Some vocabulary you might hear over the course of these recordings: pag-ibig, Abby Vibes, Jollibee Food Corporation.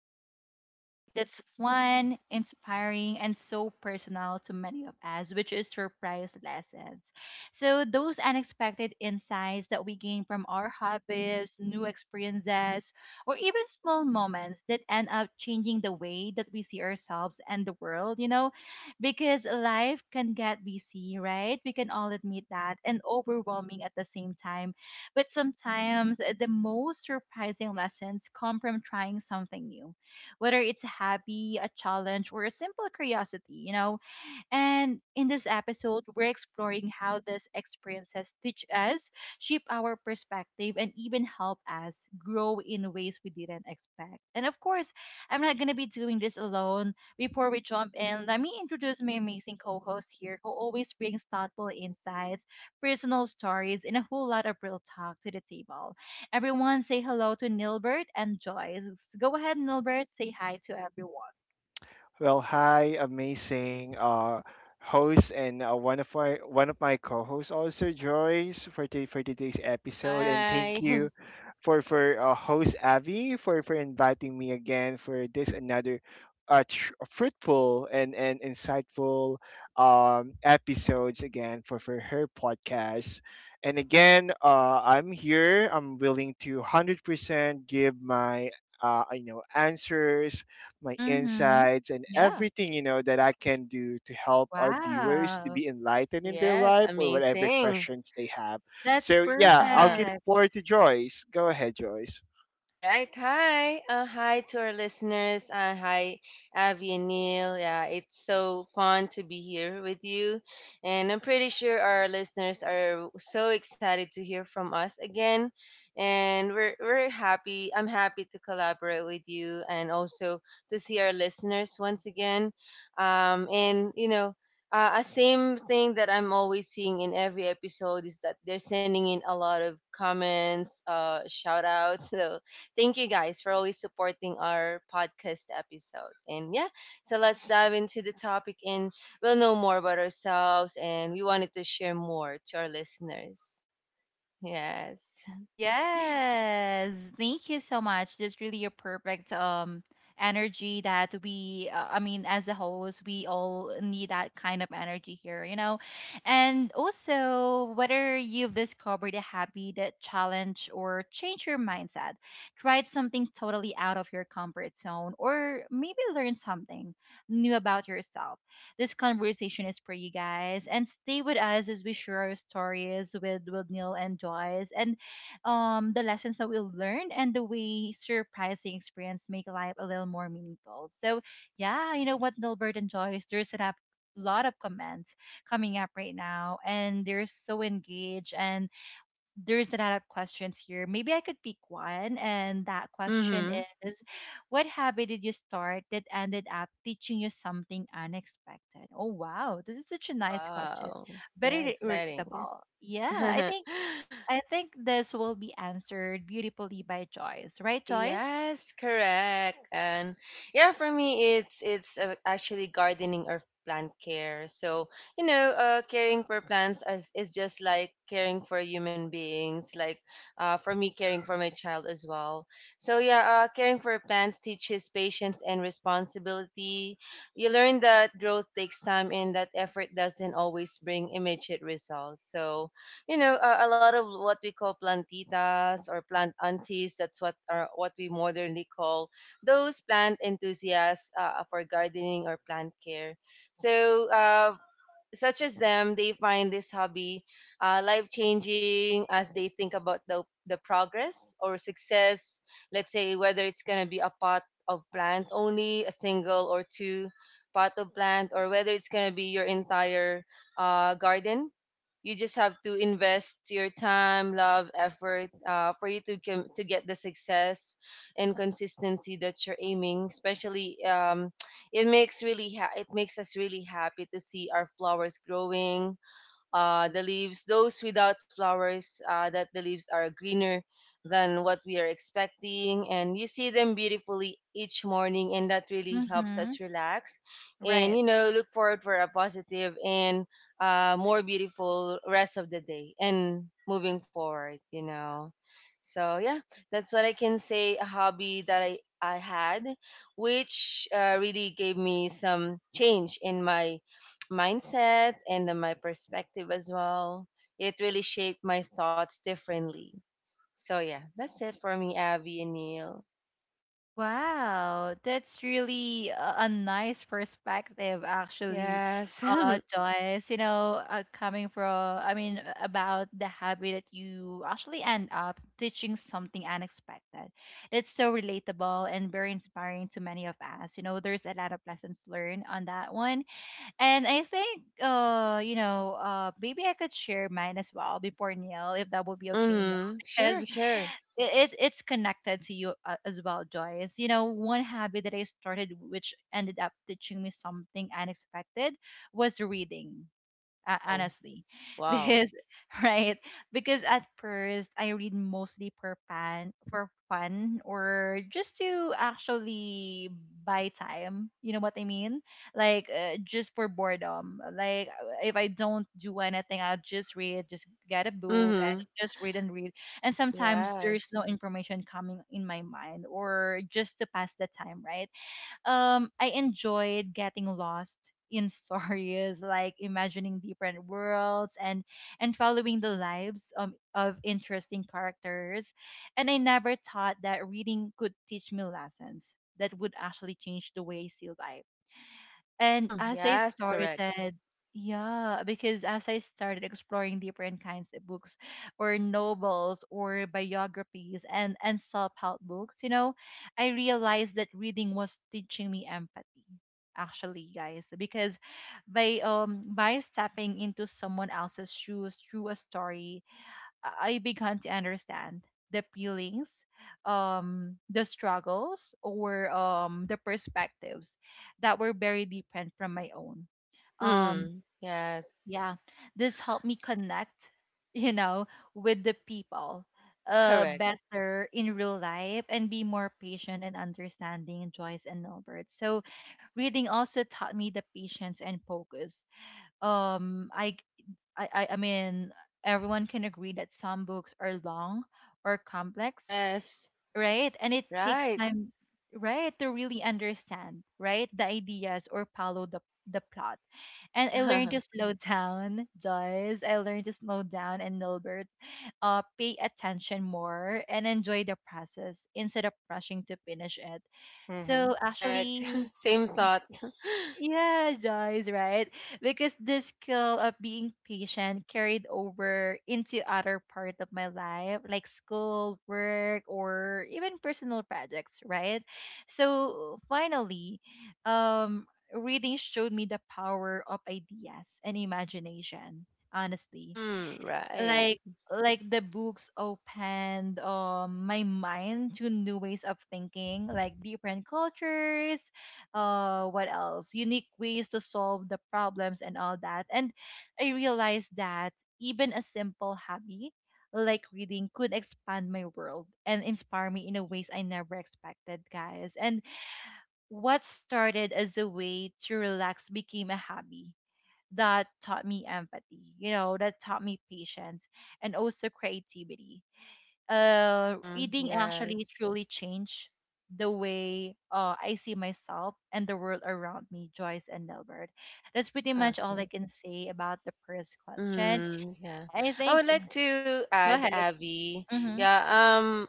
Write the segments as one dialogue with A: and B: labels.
A: diving into a topic that's fun, inspiring, and so personal to many of us, which is surprise lessons. So, those unexpected insights that we gain from our hobbies, new experiences, or even small moments that end up changing the way that we see ourselves and the world, you know, because life can get busy, right? We can all admit that and overwhelming at the same time. But sometimes the most surprising lessons come from trying something new, whether it's a hobby, a challenge, or a simple curiosity. You know, and in this episode, we're exploring how these experiences teach us, shape our perspective, and even help us grow in ways we didn't expect. And of course, I'm not going to be doing this alone. Before we jump in, let me introduce my amazing co host here who always brings thoughtful insights, personal stories, and a whole lot of real talk to the table. Everyone, say hello to Nilbert and Joyce. Go ahead, Nilbert, say hi to everyone.
B: Well, hi, amazing host and one of my co-hosts also Joyce for today's episode, and thank
C: Hi.
B: you for host Avi for inviting me again for this another fruitful and insightful episodes again for her podcast. And again, I'm here. I'm willing to 100% give my answers my
A: Mm hmm.
B: insights, and
A: Yeah.
B: everything, that I can do to help our viewers to
A: Wow.
B: be enlightened in their
C: Yes,
B: life or whatever
C: amazing.
B: questions they have.
A: That's
B: So, yeah, I'll give
C: Uh-huh.
B: the
A: perfect.
B: floor to Joyce. Go ahead, Joyce.
C: All right. Hi. Hi to our listeners. Hi, Avi and Neil. Yeah, it's so fun to be here with you. And I'm pretty sure our listeners are so excited to hear from us again. And we're happy. I'm happy to collaborate with you and also to see our listeners once again. And a same thing that I'm always seeing in every episode is that they're sending in a lot of comments, shout outs. Thank you guys for always supporting our podcast episode. And yeah, so let's dive into the topic and we'll know more about ourselves, and we wanted to share more to our listeners. Yes.
A: Yes, thank you so much. That's really a perfect energy that we I mean as a host, we all need that kind of energy here, you know. And also whether you've discovered a hobby that challenge or change your mindset, tried something totally out of your comfort zone or maybe learn something new about yourself. This conversation is for you guys and stay with us as we share our stories with Neil and Joyce and the lessons that we learned and the way surprising experience make life a little more meaningful. So yeah, you know what Nilbert and Joyce, there's a lot of comments coming up right now and they're so engaged and there's a lot of questions here. Maybe I could pick one and that question
C: Mm-hmm.
A: is, what habit did you start that ended up teaching you something unexpected? Oh wow, this is such a nice question.
C: Wow. Yeah,
A: Very
C: exciting.
A: relatable. Yeah, I think this will be answered beautifully by Joyce, right, Joyce?
C: Yes, correct. And yeah, for me, it's actually gardening or plant care. So caring for plants is just like caring for human beings. Like for me, caring for my child as well. So yeah, caring for plants teaches patience and responsibility. You learn that growth takes time and that effort doesn't always bring immediate results. So a lot of what we call plantitas or plant aunties, that's what are what we modernly call those plant enthusiasts, for gardening or plant care. So uh, such as them, they find this hobby life changing as they think about the progress or success. Let's say whether it's going to be a pot of plant only, a single or two pot of plant, or whether it's going to be your entire garden. You just have to invest your time, love, effort, for you to, to get the success and consistency that you're aiming, especially, it makes us really happy to see our flowers growing, the leaves, those without flowers, that the leaves are greener than what we are expecting. And you see them beautifully each morning, and that really helps
A: Mm-hmm.
C: us relax and,
A: Right.
C: look forward for a positive and more beautiful rest of the day and moving forward. So, yeah, that's what I can say, a hobby that I had, which really gave me some change in my mindset and then my perspective as well. It really shaped my thoughts differently. So yeah, that's it for me, Abby and Neil.
A: Wow, that's really a nice perspective, actually,
C: Yes.
A: Joyce. You know, coming from, I mean, about the habit that you actually end up teaching something unexpected. It's so relatable and very inspiring to many of us. You know, there's a lot of lessons learned on that one. And I think, you know, maybe I could share mine as well before Neil, if that would be okay, Neil,
C: Mm-hmm.
A: because
C: Sure,
A: it,
C: sure.
A: it's it's connected to you as well, Joyce. You know, one habit that I started, which ended up teaching me something unexpected, was reading
C: Oh,
A: honestly
C: wow.
A: because right, because at first I read mostly for fun, for fun or just to actually buy time, you know what I mean, like just for boredom, like if I don't do anything I'll just read, just get a book and
C: Mm-hmm.
A: just read and read, and sometimes there's no
C: Yes.
A: information coming in my mind or just to pass the time, right. I enjoyed getting lost in stories, like imagining different worlds and following the lives of interesting characters, and I never thought that reading could teach me lessons that would actually change the way I see life. And
C: Mm,
A: as I
C: yes, correct.
A: started, yeah, because as I started exploring different kinds of books or novels or biographies and self-help books, you know, I realized that reading was teaching me empathy, actually, guys, because by stepping into someone else's shoes through a story, I began to understand the feelings, the struggles, or the perspectives that were very different from my own. Um,
C: Mm, yes,
A: yeah, this helped me connect, you know, with the people
C: correct.
A: better in real life and be more patient and understanding, Joyce and Norbert. So reading also taught me the patience and focus. Um I I mean everyone can agree that some books are long or complex,
C: Yes,
A: right? And it takes
C: right.
A: time, right, to really understand, right, the ideas or follow the plot. And I learned to
C: Correct.
A: slow down, Joyce. I learned to slow down and Nilbert, pay attention more and enjoy the process instead of rushing to finish it.
B: Mm-hmm.
A: So actually,
C: Same thought.
A: yeah, Joyce, right? Because the skill of being patient carried over into other part of my life, like school, work, or even personal projects, right? So finally, um, reading showed me the power of ideas and imagination, honestly,
C: Mm, right.
A: like like the books opened my mind to new ways of thinking, like different cultures, what else, unique ways to solve the problems and all that. And I realized that even a simple hobby like reading could expand my world and inspire me in a ways I never expected, guys. And what started as a way to relax became a hobby that taught me empathy, you know, that taught me patience and also creativity.
C: Mm,
A: Reading actually
C: yes.
A: truly changed the way I see myself and the world around me, Joyce and Nilbert. That's pretty much all I
C: Okay.
A: can say about the first question.
C: Mm, yeah.
A: I
C: I
A: think,
C: would like to
A: go
C: add,
A: ahead.
C: Abby.
A: Mm-hmm.
C: Yeah, um,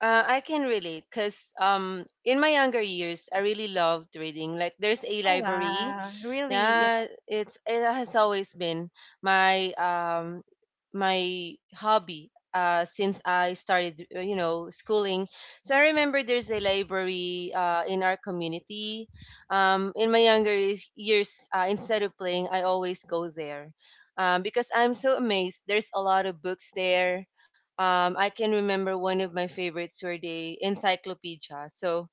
C: uh, I can relate because in my younger years I really loved reading. Like there's a
A: Oh,
C: library,
A: wow. Really? Yeah.
C: yeah. It has always been my my hobby since I started, schooling. So I remember there's a library in our community. In my younger years, instead of playing, I always go there. Because I'm so amazed. There's a lot of books there, I can remember one of my favorites were the encyclopedia. So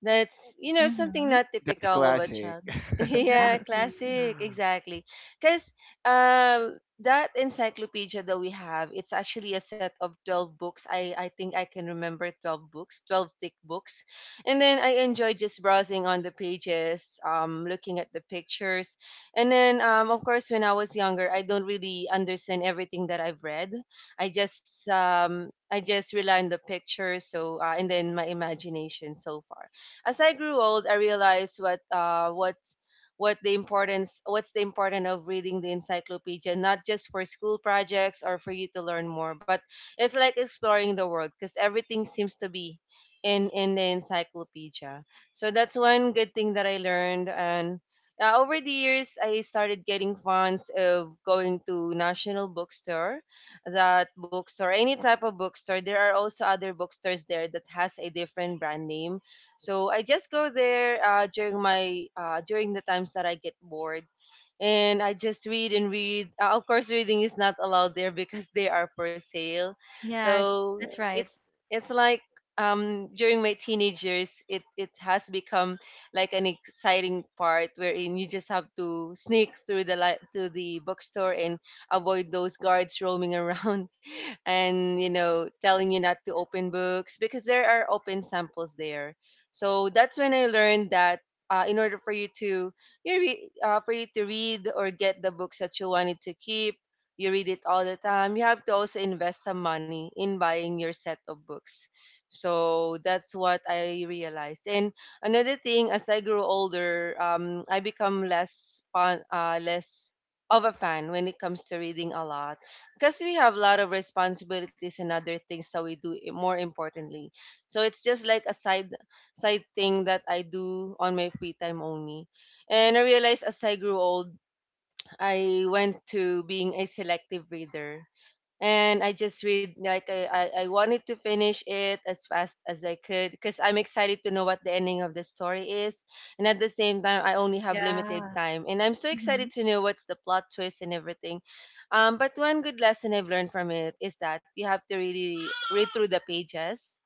C: that's, something
A: Mm-hmm.
C: not
B: That's
C: typical of a
B: classic.
C: child. Yeah,
A: Exactly.
C: classic, exactly. Because uh, that encyclopedia that we have, it's actually a set of 12 books. I think I can remember 12 books, 12 thick books. And then I enjoy just browsing on the pages, looking at the pictures. And then, of course, when I was younger, I don't really understand everything that I've read. I just rely on the pictures, so, and then my imagination. So far, as I grew old, I realized what's the importance of reading the encyclopedia, not just for school projects or for you to learn more, but it's like exploring the world, because everything seems to be in the encyclopedia. So that's one good thing that I learned. And over the years I started getting fans of going to National Bookstore. That bookstore, any type of bookstore, there are also other bookstores there that has a different brand name. So I just go there, during the times that I get bored, and I just read and read. Of course, reading is not allowed there because they are for sale.
A: Yeah,
C: So
A: that's right.
C: it's like, during my teenage years, it has become like an exciting part wherein you just have to sneak through to the bookstore and avoid those guards roaming around and telling you not to open books because there are open samples there. So that's when I learned that, in order for you to, free to read or get the books that you wanted to keep. You read it all the time. You have to also invest some money in buying your set of books. So that's what I realized. And another thing, as I grew older, I become less fun, less of a fan when it comes to reading a lot, because we have a lot of responsibilities and other things that we do, more importantly. So it's just like a side thing that I do on my free time only. And I realized as I grew old, I went to being a selective reader. And I just read, like, I wanted to finish it as fast as I could because I'm excited to know what the ending of the story is. And at the same time, I only have limited
A: Yeah.
C: time. And I'm so excited to know what's the plot twist and everything. But one good lesson I've learned from it is that you have to really read through the pages.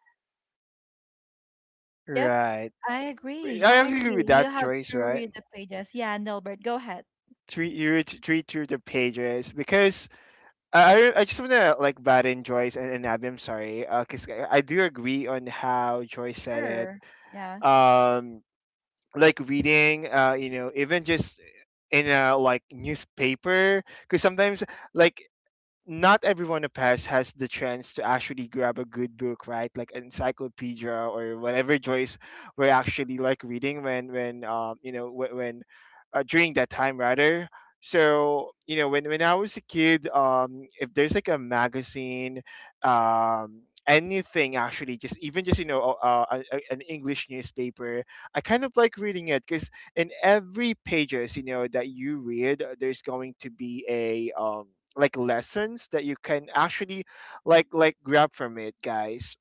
A: Yep.
B: Right.
A: I agree.
B: I
A: I
B: agree
A: agree.
B: with
A: You
B: that,
A: have
B: Joyce,
A: to
B: right?
A: read the pages. Yeah, Nilbert, go ahead.
B: Treat through the pages because I just want to like bat in Joyce and, Abby. I'm sorry, because I do agree on how Joyce said it.
A: Sure. Yeah.
B: Um, like reading even just in a like newspaper because sometimes like not everyone of us has the chance to actually grab a good book, right? Like an encyclopedia or whatever Joyce were actually like reading when you know when during that time rather. So you know when I was a kid, if there's like a magazine, um anything actually just even just an english newspaper I kind of like reading it in every pages. You know that you read, there's going to be a like lessons that you can actually like grab from it, guys.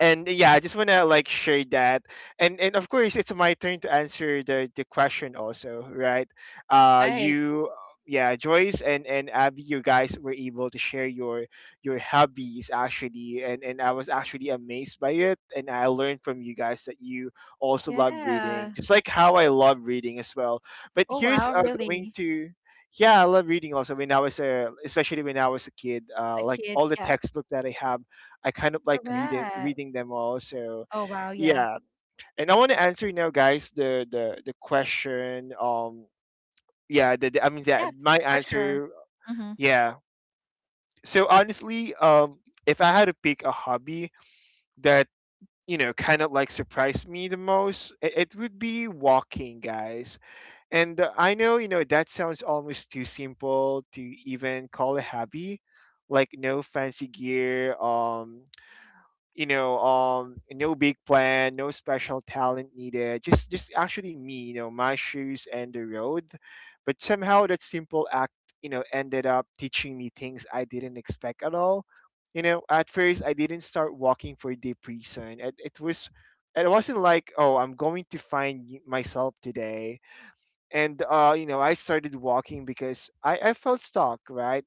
B: And yeah, I just want to like share that. And of course it's my turn to answer the question also, right?
C: Right,
B: You Yeah, Joyce and Abby, you guys were able to share your hobbies actually, and I was actually amazed by it, and I learned from you guys that you also love
A: Yeah.
B: reading just like how I love reading as well. But
A: Oh
B: here's
A: wow,
B: going
A: really?
B: to yeah, I love reading also when I was a especially when I was a kid.
A: A
B: Like
A: kid.
B: all the
A: Yeah.
B: textbook that I have, I kind of like reading
A: Correct.
B: reading them all. So
A: Oh wow, yeah.
B: yeah, and I want to answer now, guys, the the question. I mean that
A: Yeah,
B: my
A: for sure.
B: answer.
A: Mhm.
B: Yeah. So honestly, if I had to pick a hobby that kind of like surprised me the most, it would be walking, guys. And I know you know that sounds almost too simple to even call a hobby, like no fancy gear. No big plan, no special talent needed, just actually me, you know, my shoes and the road. But somehow that simple act, you know, ended up teaching me things I didn't expect at all. You know, at first I didn't start walking for deep reason. It was it wasn't like, oh, I'm going to find myself today. And uh, you know, I started walking because I felt stuck, right?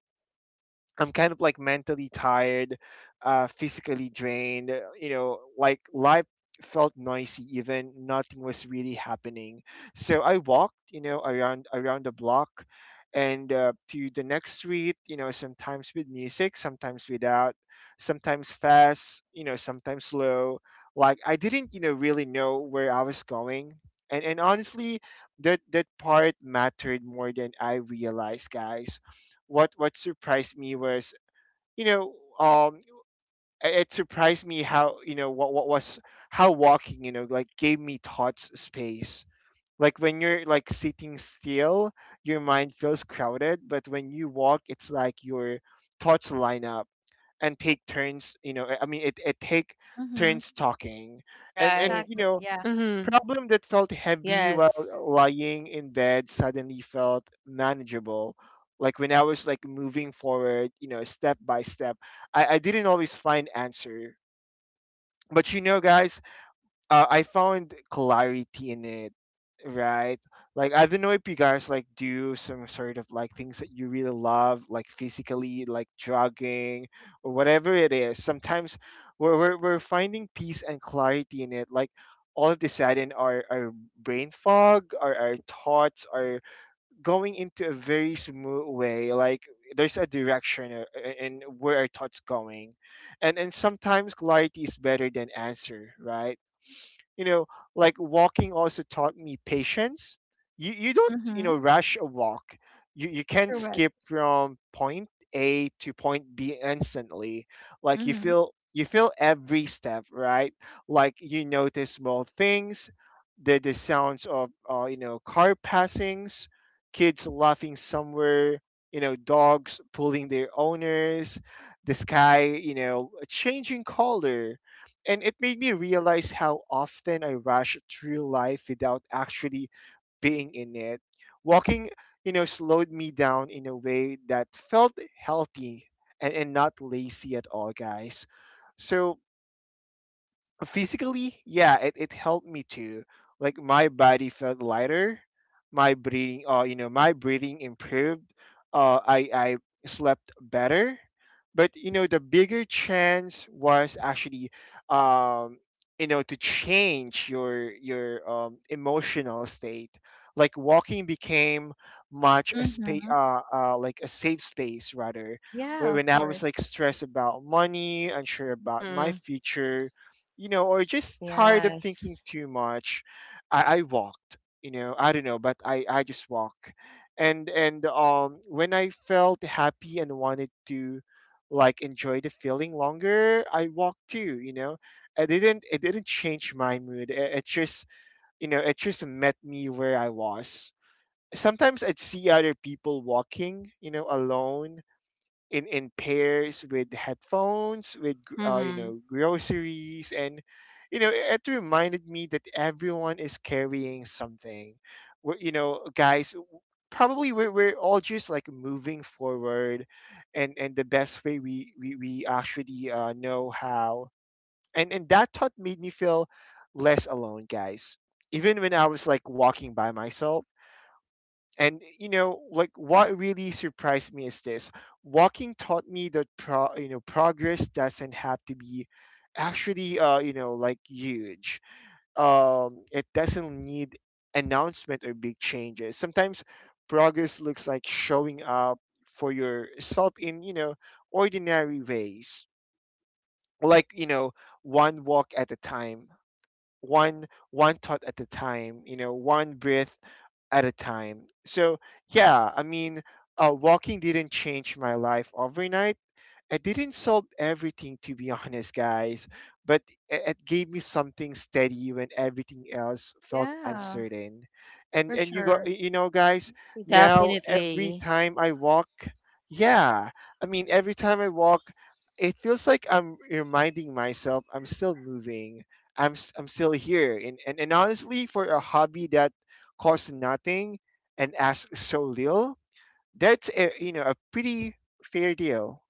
B: I'm kind of like mentally tired, physically drained. You know, like life felt noisy. Even nothing was really happening. So I walked, you know, around the block, and to the next street. You know, sometimes with music, sometimes without, sometimes fast. You know, sometimes slow. Like I didn't, you know, really know where I was going. And honestly, that part mattered more than I realized, guys. What surprised me was, you know um it it surprised me how, you know what was how walking, you know, like gave me thoughts space. Like when you're like sitting still, your mind feels crowded, but when you walk it's like your thoughts line up and take turns. I mean, it take
A: Mhm.
B: turns talking. And
C: right.
B: you
A: Exactly.
B: know
A: Yeah.
C: Mm-hmm.
B: Problem that felt heavy while
C: Yes.
B: lying in bed suddenly felt manageable. Like when I was like moving forward, you know, step by step, I didn't always find answer. But you know, guys, I found clarity in it, right? Like I don't know if you guys like do some sort of like things that you really love, like physically, like jogging or whatever it is. Sometimes we're finding peace and clarity in it, like. All of a sudden, our brain fog, our thoughts are going into a very smooth way. Like there's a direction, in where our thoughts going, and sometimes clarity is better than answer, right? you know like walking also taught me patience. You don't, you know,
A: Mhm.
B: rush a walk. You can't
A: Correct.
B: skip from point A to point B instantly. Like
A: Mhm.
B: you feel every step, right? Like you notice small things: the sounds of, you know, car passings, kids laughing somewhere, you know, dogs pulling their owners, the sky, you know, changing color. And it made me realize how often I rush through life without actually being in it. Walking, you know, slowed me down in a way that felt healthy and, not lazy at all, guys. So physically, yeah, it helped me too. Like my body felt lighter, my breathing, my breathing improved, I slept better. But you know, the bigger chance was actually, um to change your emotional state. Like walking became much a space,
A: Mhm.
B: like a safe space rather.
A: Yeah,
B: When
A: of
B: I was
A: course.
B: like stressed about money, unsure about my
C: Mm-hmm.
B: future, you know, or just tired of thinking
C: Yes.
B: too much, I walked. You know, I don't know, but I just walk. And um, when I felt happy and wanted to like enjoy the feeling longer, I walked too. You know, I didn't it didn't change my mood. It just, you know, it just met me where I was. Sometimes I'd see other people walking, you know, alone, in pairs, with headphones, with you
C: Mm-hmm.
B: know, groceries. And you know, it reminded me that everyone is carrying something. We you know guys Probably we're all just like moving forward, and the best way we actually, know how. And that thought made me feel less alone, guys, even when I was like walking by myself. And you know, like what really surprised me is this: walking taught me that progress doesn't have to be actually, like huge. It doesn't need announcement or big changes. Sometimes progress looks like showing up for yourself in, you know, ordinary ways, like, you know, one walk at a time, one thought at a time, you know, one breath at a time. So, yeah, I mean, walking didn't change my life overnight, I didn't solve everything to be honest, guys, but it gave me something steady when everything else felt
A: Yeah,
B: uncertain.
A: for sure.
B: You know, guys, now every
C: Definitely.
B: time I walk, yeah, I mean, every time I walk, it feels like I'm reminding myself I'm still moving. I'm still here. And honestly, for a hobby that costs nothing and asks so little, that's a, you know, a pretty fair deal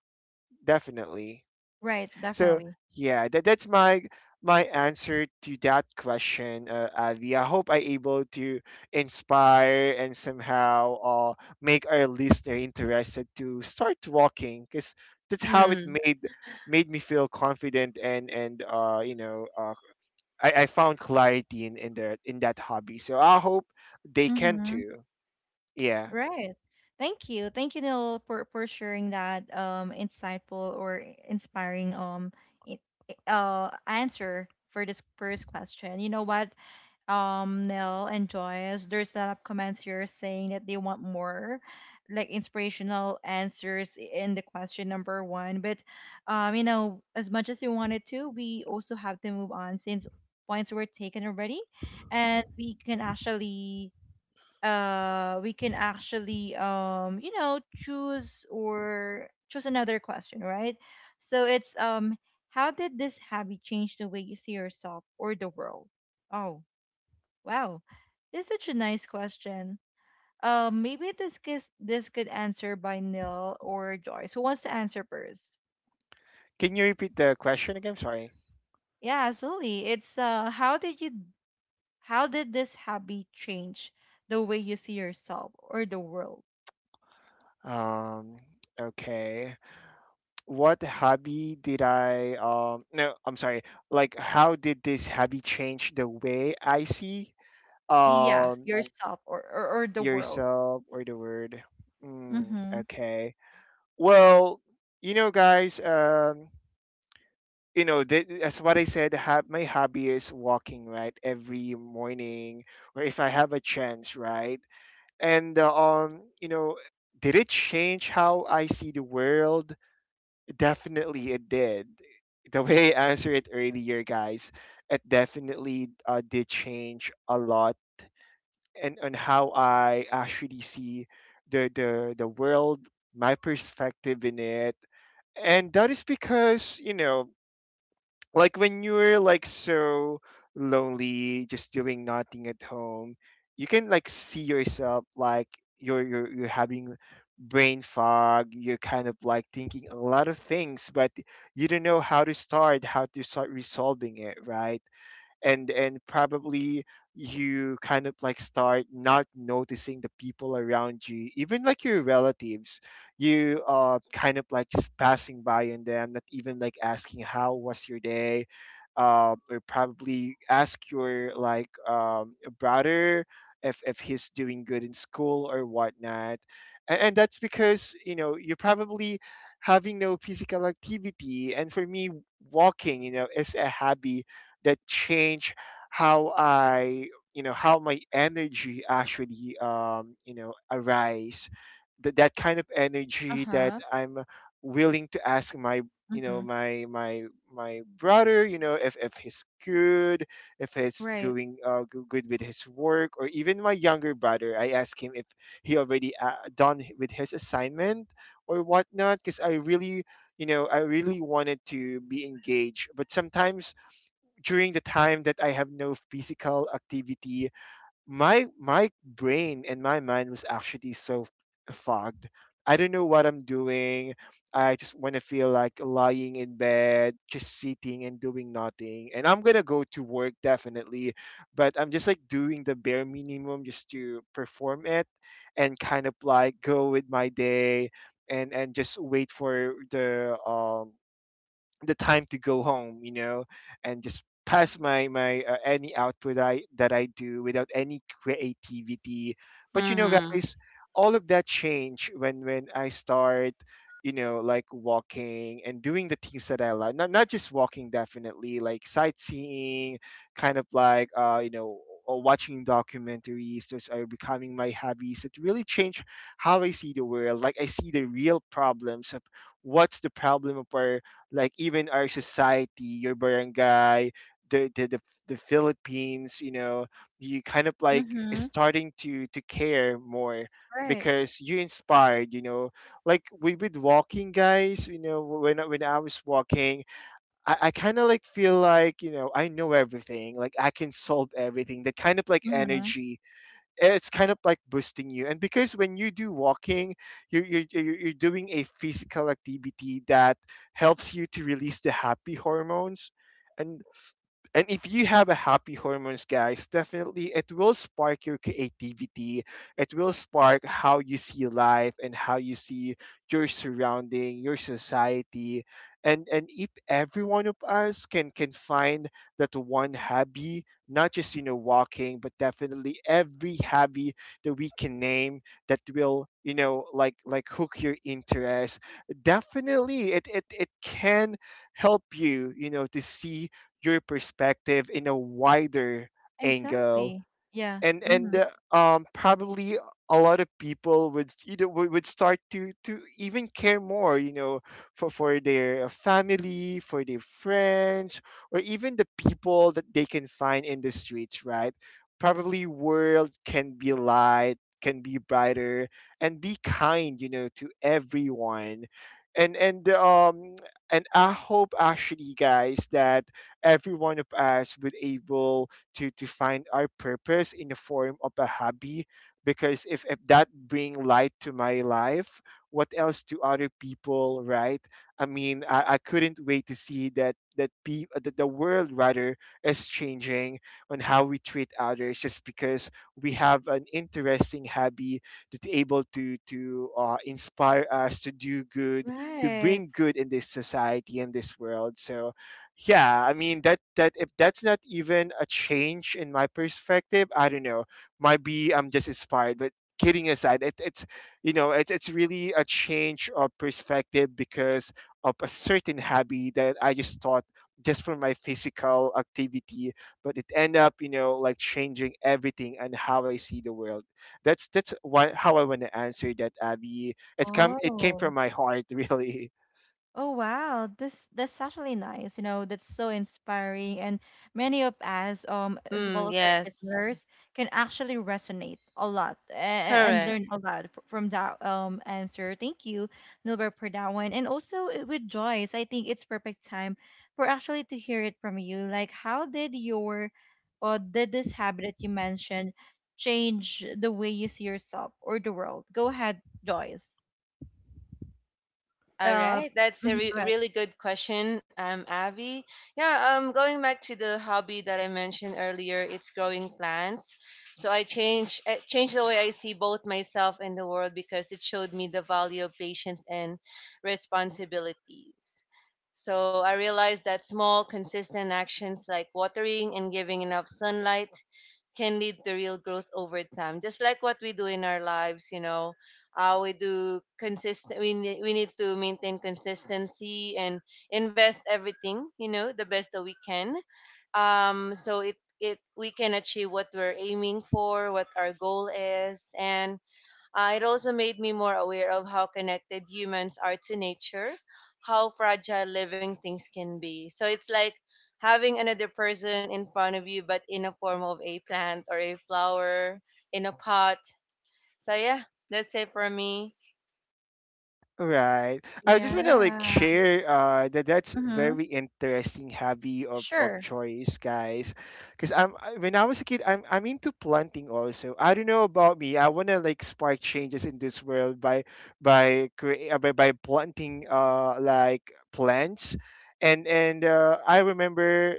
B: definitely.
A: Right,
B: So
A: definitely.
B: yeah, that's my answer to that question, Avi. I hope I able to inspire and somehow make our listener interested to start walking, because that's how it
C: Mm-hmm.
B: made me feel confident and you know I found clarity in the in that hobby. So I hope they can
A: Mhm.
B: too. Yeah.
A: Right. Thank you. Thank you, Neil, for sharing that insightful or inspiring i- answer for this first question. You know what, Neil and Joyce, there's a lot of comments here saying that they want more like inspirational answers in the question number one. But you know, as much as we wanted to, we also have to move on since points were taken already and we can actually you know choose or choose another question, right? So it's how did this habit change the way you see yourself or the world? Oh wow, this is such a nice question. Maybe this gets, this could answer by Nil or Joyce. Who wants to answer first?
B: Can you repeat the question again? Sorry.
A: Yeah, absolutely. It's how did you, how did this habit change the way you see yourself or the world?
B: Um. Okay. What hobby did I, no, I'm sorry, like how did this hobby change the way I see,
A: Yeah, Right,
B: um,
A: yourself or the world.
B: yourself or the word. Mm,
A: Mm-hmm.
B: okay. Well, you know guys, as what I said, my hobby is walking, right, every morning or if I have a chance, right? And um, you know, did it change how I see the world? Definitely it did. The way I answered it earlier, guys, it definitely did change a lot, and on how I actually see the world, my perspective in it. And that is because, like when you're like so lonely just doing nothing at home, you can like see yourself like you're having brain fog. You're kind of like thinking a lot of things, but you don't know how to start resolving it, right? And probably you kind of like start not noticing the people around you, even like your relatives. You kind of like just passing by, and them not even like asking how was your day. Or probably ask your like brother if he's doing good in school or whatnot. And that's because, you know, you're probably having no physical activity, and for me, walking, you know, is a hobby that change how I, you know, how my energy actually, you know, arise. That kind of energy that
A: Uh-huh.
B: I'm willing to ask my, you know,
A: Mm-hmm.
B: my my brother, you know, if he's good, if he's
A: Right.
B: going good with his work, or even my younger brother, I ask him if he already with his assignment or whatnot, because I really, you know, I really wanted to be engaged. But sometimes during the time that I have no physical activity, my brain and my mind was actually so fogged. I don't know what I'm doing. I just want to feel like lying in bed, just sitting and doing nothing. And I'm gonna go to work definitely, but I'm just like doing the bare minimum just to perform it, and kind of like go with my day, and just wait for the time to go home, you know, and just pass my my any output I that I do without any creativity. But you know,
C: Mm-hmm.
B: guys, all of that change when I start, you know, like walking and doing the things that I like. Not just walking, definitely like sightseeing, kind of like you know, or watching documentaries. Those are becoming my hobbies. It really changed how I see the world. Like I see the real problems of what's the problem of our, like, even our society, your barangay, the the the, the Philippines, you know. You kind of like is
A: Mm-hmm.
B: starting to care more
A: Right.
B: because you inspired, you know, like we with walking, guys. You know, when I was walking, I kind of like feel like, you know, I know everything, like I can solve everything. That kind of like
A: Mm-hmm.
B: energy, it's kind of like boosting you. And because when you do walking, you're doing a physical activity that helps you to release the happy hormones. and and if you have a happy hormones, guys, definitely it will spark your creativity. It will spark how you see life and how you see your surrounding, your society. And if every one of us can find that one hobby, not just, you know, walking, but definitely every hobby that we can name, that will, you know, like hook your interest, definitely it can help you, you know, to see your perspective in a wider angle.
A: Exactly. Yeah.
B: and and
A: Mm-hmm.
B: uh, um probably a lot of people would, you know, would start to even care more, you know, for their family, for their friends, or even the people that they can find in the streets, right? Probably world can be light, can be brighter, and be kind, you know, to everyone. And and um and I hope actually, guys, that every one of us would able to find our purpose in the form of a hobby. Because if that bring light to my life, what else to other people, right? I couldn't wait to see that the world rather is changing on how we treat others just because we have an interesting hobby that's able to inspire us to do good, to
A: Right.
B: bring good in this society, in this world. So yeah, I mean, that if that's not even a change in my perspective, I don't know. Might be I'm just inspired, but kidding aside, it's you know, it's really a change of perspective because of a certain hobby that I just thought just for my physical activity, but it end up, you know, like changing everything and how I see the world. That's why how I want to answer that, Abby. It's come it came from
A: Oh.
B: my heart really.
A: Oh wow, this, that's actually nice. You know, that's so inspiring, and many of us, as well
C: Mm,
A: as our
C: yes.
A: listeners, can actually resonate a lot and
C: Correct.
A: learn a lot from that answer. Thank you, Nilbert, for that one. And also with Joyce, I think it's perfect time for actually to hear it from you. Like, how did your, or did this habit that you mentioned change the way you see yourself or the world? Go ahead, Joyce.
C: Right. All
A: Uh,
C: right. That's a
A: mhm, go ahead.
C: really good question, Abby. Yeah, going back to the hobby that I mentioned earlier, it's growing plants. So I changed the way I see both myself and the world because it showed me the value of patience and responsibilities. So I realized that small, consistent actions like watering and giving enough sunlight can lead to real growth over time, just like what we do in our lives. We do consistent, we need to maintain consistency and invest everything, the best that we can. Um so it it we can achieve what we're aiming for, what our goal is. And it also made me more aware of how connected humans are to nature, how fragile living things can be. So it's like having another person in front of you, but in a form of a plant or a flower in a pot. So yeah, that's it for me.
B: Right. I just want to like
A: Yeah.
B: share that that's
A: Mhm.
B: very interesting hobby of
A: Sure.
B: choice, guys. Because when I was a kid, I'm into planting also. I don't know about me. I want to like spark changes in this world by by planting like plants, and I remember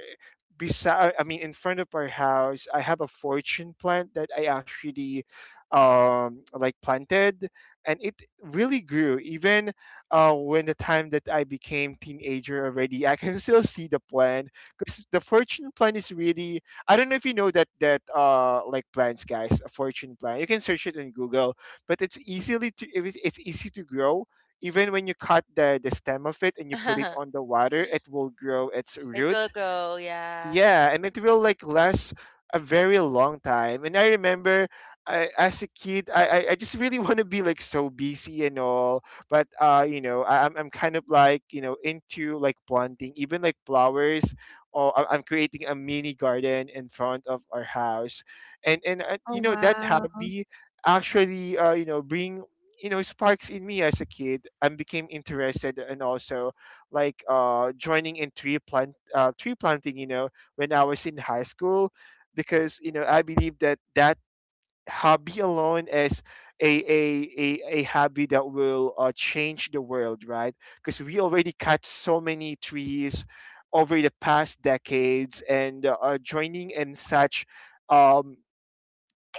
B: beside I mean in front of our house, I have a fortune plant that I actually like planted, and it really grew even when the time that I became teenager already, I can still see the plant, because the fortune plant is really, I don't know if you know that, that like plants, guys, a fortune plant, you can
C: I
B: search it
C: think I
B: in
C: heard that
B: Google. But
C: before.
B: it's
C: It's
B: easily to
C: very
B: it's easy to
C: famous.
B: grow, even when you cut the stem of it and you put it on the water, it will grow its
C: It
B: root.
C: will grow, yeah.
B: Yeah, and it will like last a very long time. And I remember, I, as a kid, I just really want to be like so busy and all. But you know, I'm kind of like, you know, into like planting even like flowers, I'm creating a mini garden in front of our house. And
A: Oh,
B: You know, that
A: wow.
B: hobby actually you know, bring, you know, sparks in me. As a kid, I became interested, and also like joining in tree planting, you know, when I was in high school. Because you know, I believe that hobby alone is a hobby that will change the world, right? Because we already cut so many trees over the past decades. And joining in such um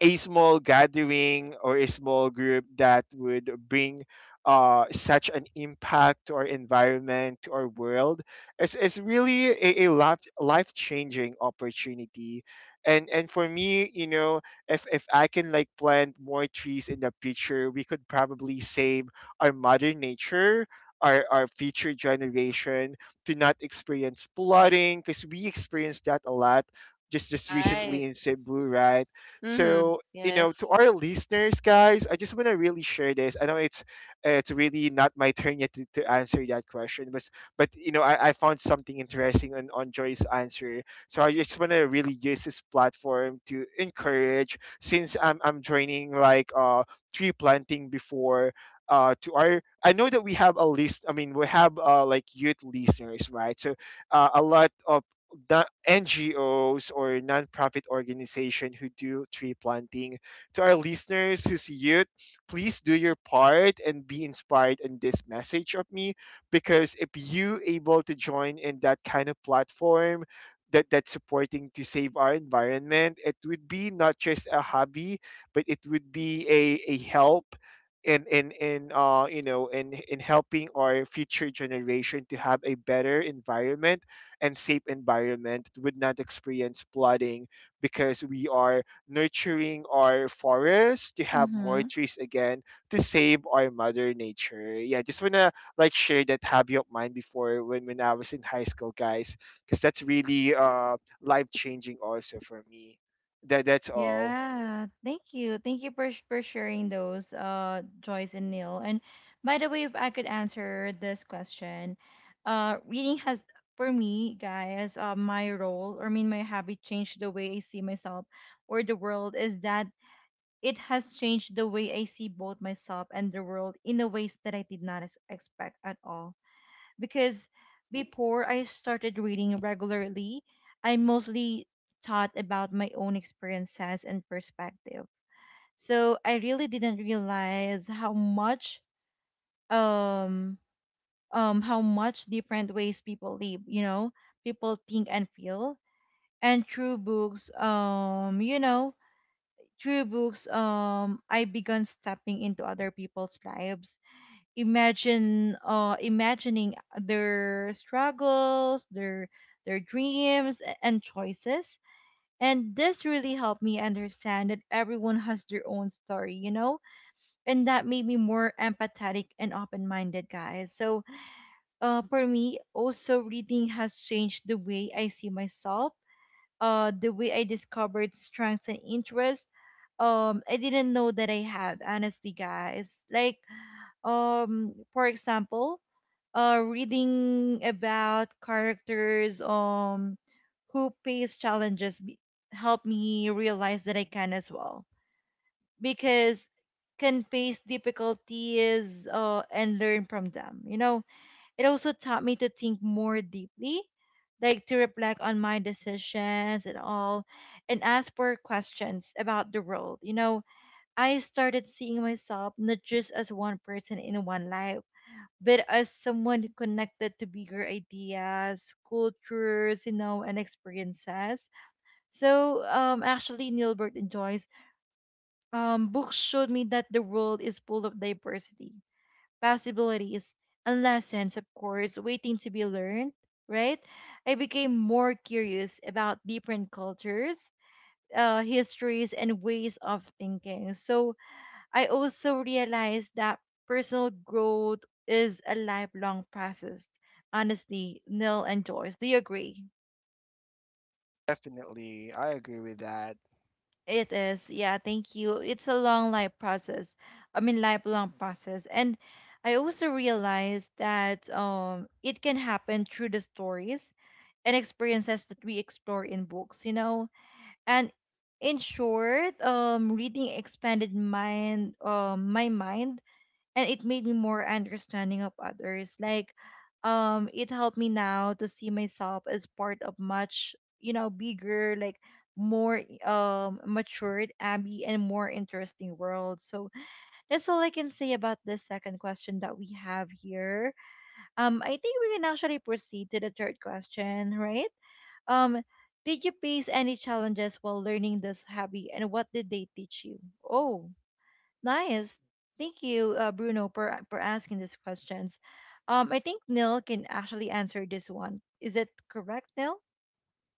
B: a small gathering or a small group that would bring such an impact to our environment, to our world, is really a life changing opportunity. And for me, you know, if I can like plant more trees in the future, we could probably save our mother nature. Our future generation to not experience flooding, because we experienced that a lot just recently
C: Right.
B: in Cebu, right?
C: Mm-hmm.
B: So, you know, to
C: Yes.
B: our listeners, guys, I just want to really share this. I know it's really not my turn yet to answer that question. But you know, I found something interesting on Joy's answer. So I just want to really use this platform to encourage, since I'm joining like tree planting before to our I know that we have a list, I mean we have like youth listeners, right? So a lot of the NGOs or nonprofit organization who do tree planting. To our listeners who's youth, please do your part and be inspired in this message of me. Because if you able to join in that kind of platform that that's supporting to save our environment, it would be not just a hobby, but it would be a help in you know, in helping our future generation to have a better environment and safe environment, it would not experience flooding because we are nurturing our forests to have more
A: Mm-hmm.
B: trees again to save our mother nature. Yeah, just wanna like share that hobby of mine before when I was in high school, guys, because that's really life changing also for me. That's all.
A: Yeah, thank you. Thank you for sh- for sharing those, Joyce and Neil. And by the way, if I could answer this question, reading has, for me, guys, my role, or I mean my habit changed the way I see myself or the world, is that it has changed the way I see both myself and the world in the ways that I did not expect at all, because before I started reading regularly, I mostly thought about my own experiences and perspective. So I really didn't realize um how much different ways people live, you know, people think and feel. And through books, you know, through books, I began stepping into other people's lives, imagine imagining their struggles, their dreams and choices, and this really helped me understand that everyone has their own story, you know, and that made me more empathetic and open-minded, guys. So for me also, reading has changed the way I see myself, the way I discovered strengths and interests I didn't know that I had, honestly, guys. Like for example, reading about characters who face challenges helped me realize that I can as well, because can face difficulties and learn from them. You know, it also taught me to think more deeply, like to reflect on my decisions and all, and ask for questions about the world. You know, I started seeing myself not just as one person in one life, but as someone connected to bigger ideas, cultures, you know, and experiences. So actually, Nilbert and Joyce, books showed me that the world is full of diversity, possibilities, and lessons, of course, waiting to be learned, right? I became more curious about different cultures, histories, and ways of thinking. So I also realized that personal growth is a lifelong process. Honestly, Neil and Joyce, do you agree?
B: Definitely I agree with that.
A: It is, yeah, thank you. It's a long life process. I mean, lifelong process. And I also realized that it can happen through the stories and experiences that we explore in books, you know? And in short, reading expanded mind, my mind, and it made me more understanding of others, like, it helped me now to see myself as part of much, bigger, like, more matured Abby, and more interesting world. So that's all I can say about the second question that we have here. I think we can actually proceed to the third question, right? um did you face any challenges while learning this hobby, and what did they teach you? Oh, nice. Thank you, Bruno, for asking these questions. I think Neil can actually answer this one. Is it correct, Neil?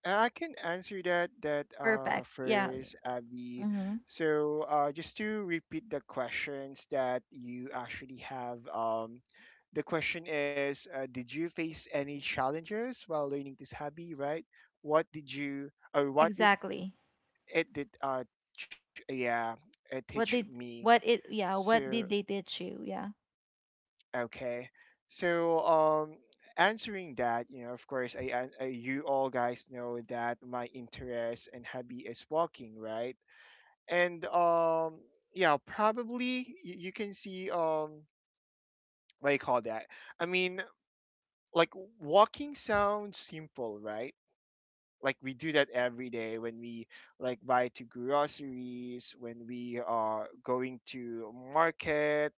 B: I can answer that
A: Perfect. Yeah.
B: first, Abby.
A: Mm-hmm.
B: So just to repeat the questions that you actually have. The question is, did you face any challenges while learning this hobby? Right? What did you, or what did
A: Exactly.
B: it did yeah, it teach
A: What did
B: me?
A: what it? Yeah.
B: So
A: What did they teach you? Yeah.
B: okay. So, answering that, you know, of course, I you all guys know that my interest and hobby is walking, right? And yeah, probably you, you can see what do you call that? I mean, like walking sounds simple, right? Like we do that every day when we like buy to groceries, when we are going to market,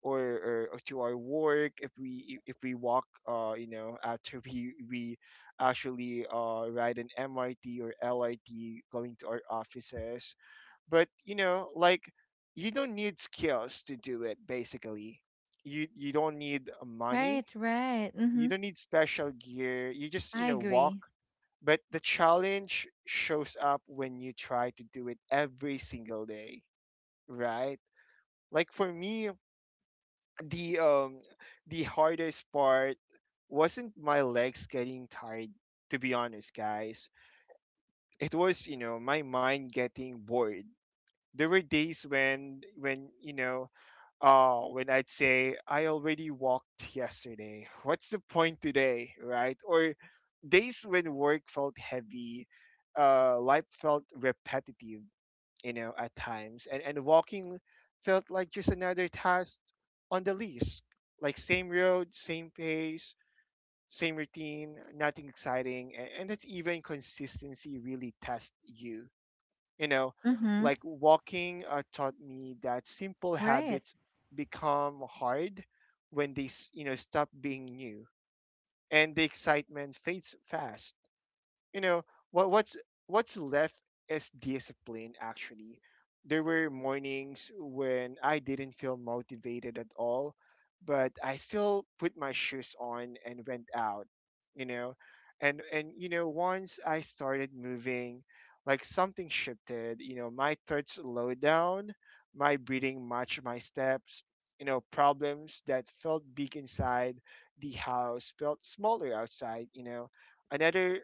B: or to our work, if we walk, you know, after we actually ride an MRT or LRT going to our offices. But you know, like, you don't need skills to do it basically. You don't need money,
A: Right. Right.
B: you
A: Mm-hmm.
B: don't need special gear, you just, you
A: I
B: know, walk.
A: agree.
B: But the challenge shows up when you try to do it every single day, right? Like for me, the um the hardest part wasn't my legs getting tired, to be honest, guys. It was, you know, my mind getting bored. There were days when you know, when I'd say, I already walked yesterday. What's the point today, right? Or days when work felt heavy, life felt repetitive, you know, at times. And walking felt like just another task on the list. Like same road, same pace, same routine, nothing exciting, and that's even consistency really tests you you know,
A: Mm-hmm.
B: Like walking taught me that simple
A: Right.
B: habits become hard when they stop being new and the excitement fades fast, you know. What's what's left is discipline actually. There were mornings when I didn't feel motivated at all, but I still put my shoes on and went out, you know. And once I started moving, like something shifted, you know, my thoughts slowed down, my breathing matched my steps, you know. Problems that felt big inside the house felt smaller outside, you know. Another,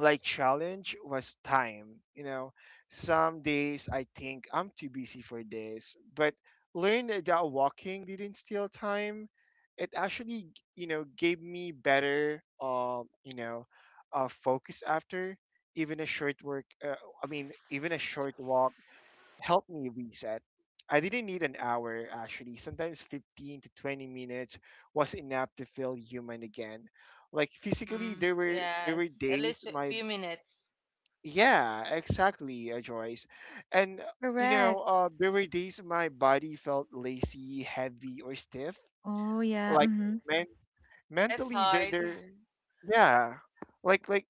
B: like, challenge was time, you know. Some days I think I'm too busy for this, but learned that walking didn't steal time. It actually, you know, gave me better focus after. Even a short work I mean even a short walk helped me reset. I didn't need an hour actually. Sometimes 15 to 20 minutes was enough to feel human again. Like physically,
C: Mm-hmm.
B: there were
C: Yes. At
B: days
C: least a
B: my...
C: few minutes.
B: Yeah, exactly, Joyce. And you know,
A: Correct.
B: there were days my body felt lazy, heavy, or stiff.
A: Oh yeah.
B: Like
A: Mm-hmm.
B: men—
C: That's
B: mentally, they're
C: hard.
B: they're yeah, like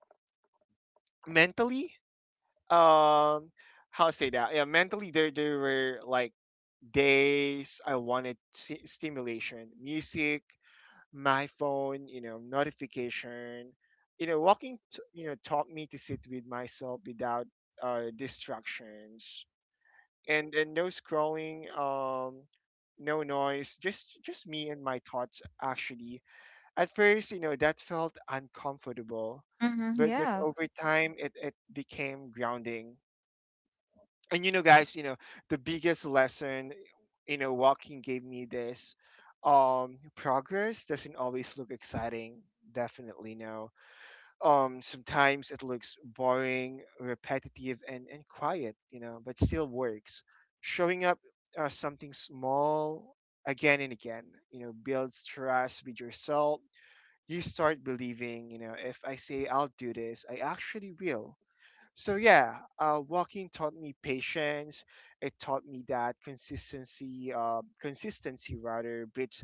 B: mentally, um, how to say that? Yeah, mentally, there were, like, days I wanted s stimulation, music, my phone, you know, notification. You know, walking taught me to sit with myself without distractions. And no scrolling, no noise, just me and my thoughts. Actually, at first, you know, that felt uncomfortable,
A: Mm-hmm.
B: but
A: Yeah.
B: over time, it became grounding. And you know, guys, you know, the biggest lesson, you know, walking gave me this: progress doesn't always look exciting. Definitely no. Sometimes it looks boring, repetitive, and quiet, you know, but still works. Showing up, something small, again and again, you know, builds trust with yourself. You start believing, you know, if I say I'll do this, I actually will. So yeah, walking taught me patience. It taught me that consistency rather, beats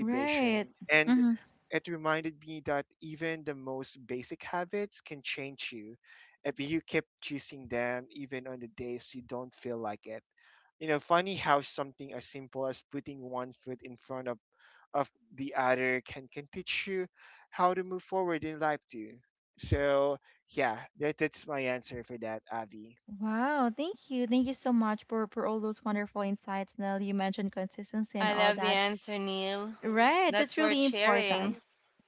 A: Right.
B: and
A: Mm-hmm.
B: it reminded me that even the most basic habits can change you if you keep choosing them, even on the days you don't feel like it. You know, funny how something as simple as putting one foot in front of the other can teach you how to move forward in life too. So yeah, that's my answer for that, Avi.
A: Wow, thank you. Thank you so much for all those wonderful insights, Nell. You mentioned consistency and
C: I
A: all
C: love the
A: that.
C: answer, Neil.
A: Right, that's
C: That's worth
A: really
C: sharing.
A: important.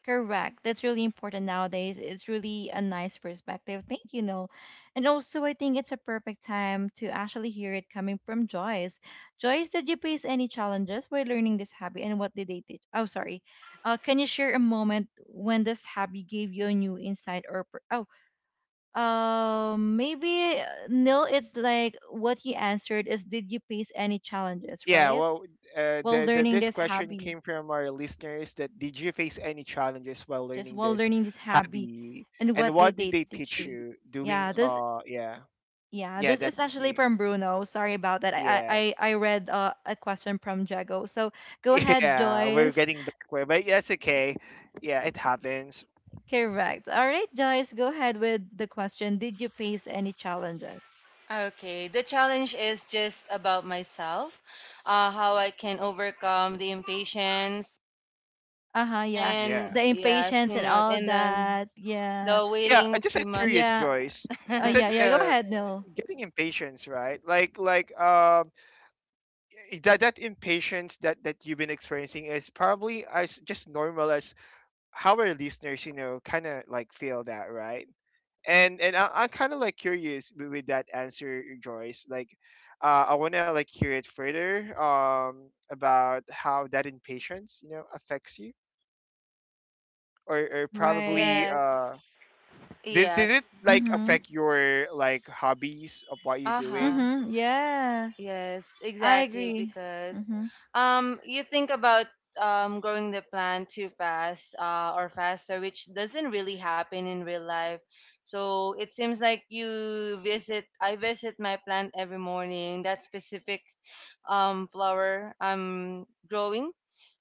A: Correct. That's really important nowadays. It's really a nice perspective. Thank you, Noel. And also, I think it's a perfect time to actually hear it coming from Joyce. Joyce, did you face any challenges while learning this hobby, and what did they teach? Oh, sorry. Can you share a moment when this hobby gave you a new insight or oh, maybe Neil, it's like what you answered is did you face any challenges,
B: Yeah,
A: right?
B: well,
A: While
B: the
A: learning
B: this
A: this
B: question
A: hobby.
B: came from our listeners that: did you face any challenges while
A: Just
B: learning
A: while
B: this
A: learning this hobby,
B: hobby,
A: and
B: and
A: what
B: what
A: did
B: did
A: they
B: they
A: teach
B: teach
A: you.
B: you doing?
A: yeah this
B: Yeah,
A: yeah,
B: yeah,
A: this is
B: that's
A: actually
B: the
A: from Bruno. Sorry about that. i
B: yeah,
A: i, I I read a question from Jago. So go ahead,
B: yeah. We're
A: Joyce.
B: getting backward, but that's okay. Yeah, it happens.
A: Correct. All right, Joyce, go ahead with the question. Did you face any challenges?
C: Okay, the challenge is just about myself, how I can overcome the impatience,
A: Uh-huh. Yeah.
C: and
B: Yeah,
A: The
C: yes,
A: impatience and all
C: and then
A: that. Yeah.
C: the
B: yeah. I
C: waiting
B: just
C: too
B: am
C: much.
B: curious,
A: Yeah.
B: Joyce. You said
A: Yeah, yeah, go ahead. No.
B: getting impatience, right? Like that that impatience that that you've been experiencing is probably as just normal as how our listeners, you know, kind of like feel that, right? And I'm kind of like curious with that answer, Joyce. Like, I want to, like, hear it further about how that impatience, you know, affects you. Or
A: Right.
B: probably
C: Yes.
B: did it,
C: Yes.
B: like,
A: Mm-hmm.
B: affect your, like, hobbies of what you're
C: Uh-huh.
B: doing?
A: Mm-hmm. Yeah.
C: Yes,
A: I
C: exactly.
A: agree.
C: Because
A: Mm-hmm.
C: you think about growing the plant too fast, or faster, which doesn't really happen in real life. So it seems like I visit my plant every morning, that specific flower I'm growing.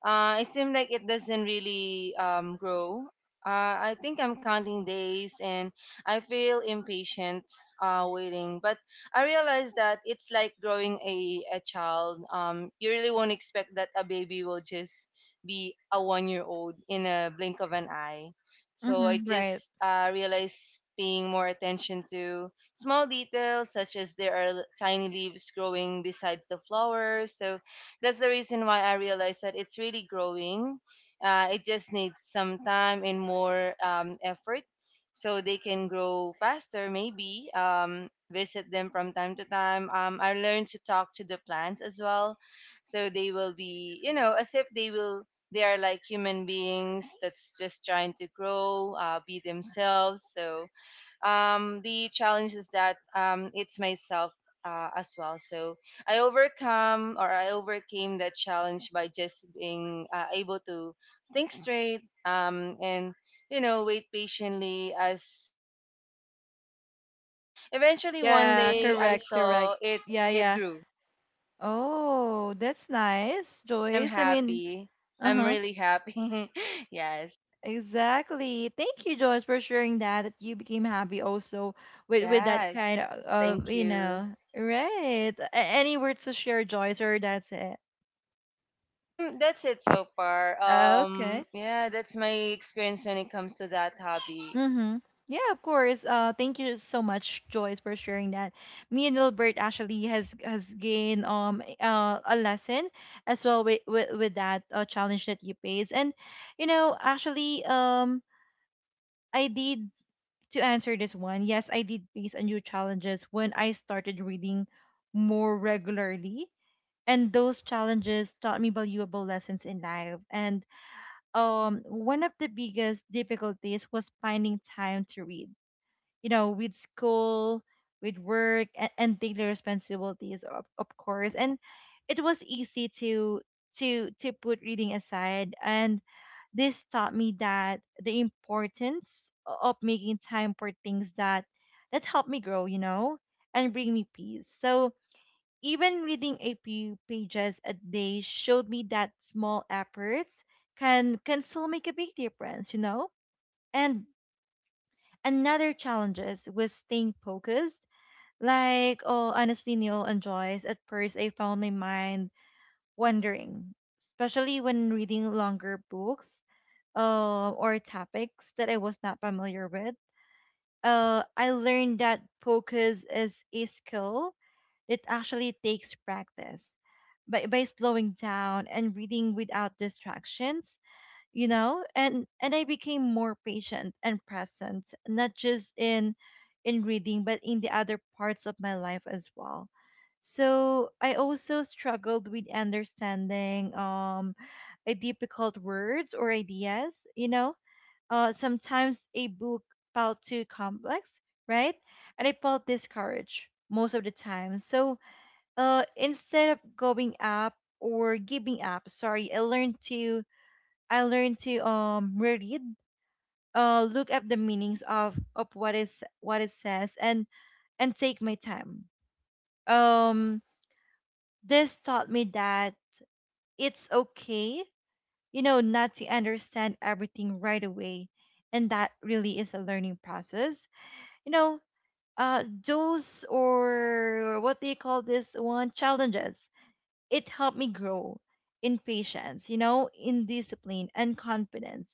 C: It seems like it doesn't really grow. I think I'm counting days and I feel impatient, waiting. But I realized that it's like growing a child. You really won't expect that a baby will just be a one year old in a blink of an eye. So I
A: Mm-hmm. Right.
C: just realized paying more attention to small details, such as there are tiny leaves growing besides the flowers. So that's the reason why I realized that it's really growing. It just needs some time and more, effort, so they can grow faster. Maybe visit them from time to time. I learned to talk to the plants as well, so they will be, as if they will they are like human beings that's just trying to grow, be themselves. So, the challenge is that, it's myself, as well. So I overcome or I overcame that challenge by just being able to think straight, and wait patiently as the plant grow. And eventually one
A: Yeah, someone like
C: day I
A: correct us. Correct.
C: saw it
A: Yeah,
C: it
A: yeah.
C: grew
A: Oh, that's nice,
C: and I'm
A: Joyce. I mean,
C: happy. I'm
A: uh-huh.
C: really happy. Yes,
A: Exactly. Thank you, Joyce, for sharing that you became happy also with that kind
C: yes.
A: of,
C: Thank you.
A: right. Any words to share, Joyce, or that's it?
C: That's it so far.
A: Okay.
C: Yeah, that's my experience when it comes to that hobby.
A: Mm-hmm. Yeah, of course. Thank you so much, Joyce, for sharing that. Me and Gilbert actually has gained a lesson as well with that challenge that you face. And, actually, I did to answer this one. Yes, I did face a new challenges when I started reading more regularly, and those challenges taught me valuable lessons in life. And one of the biggest difficulties was finding time to read, with school, with work, and daily responsibilities, of course. And it was easy to put reading aside, and this taught me that the importance of making time for things that help me grow, and bring me peace. So even reading a few pages a day showed me that small efforts can still make a big difference, you know. And another challenge is was staying focused. Like, oh, honestly, Neil and Joyce, at first I found my mind wandering, especially when reading longer books, or topics that I was not familiar with. I learned that focus is a skill. It actually takes practice. By slowing down and reading without distractions, and I became more patient and present, not just in reading, but in the other parts of my life as well. So I also struggled with understanding a difficult words or ideas. Sometimes a book felt too complex, right? And I felt discouraged most of the time. So instead of going up, or giving up, sorry, I learned to, I learned to reread, look up the meanings of what is what it says, and take my time. Um, this taught me that it's okay, not to understand everything right away, and that really is a learning process. You know, those, or what do you call this one, challenges, it helped me grow in patience, in discipline and confidence.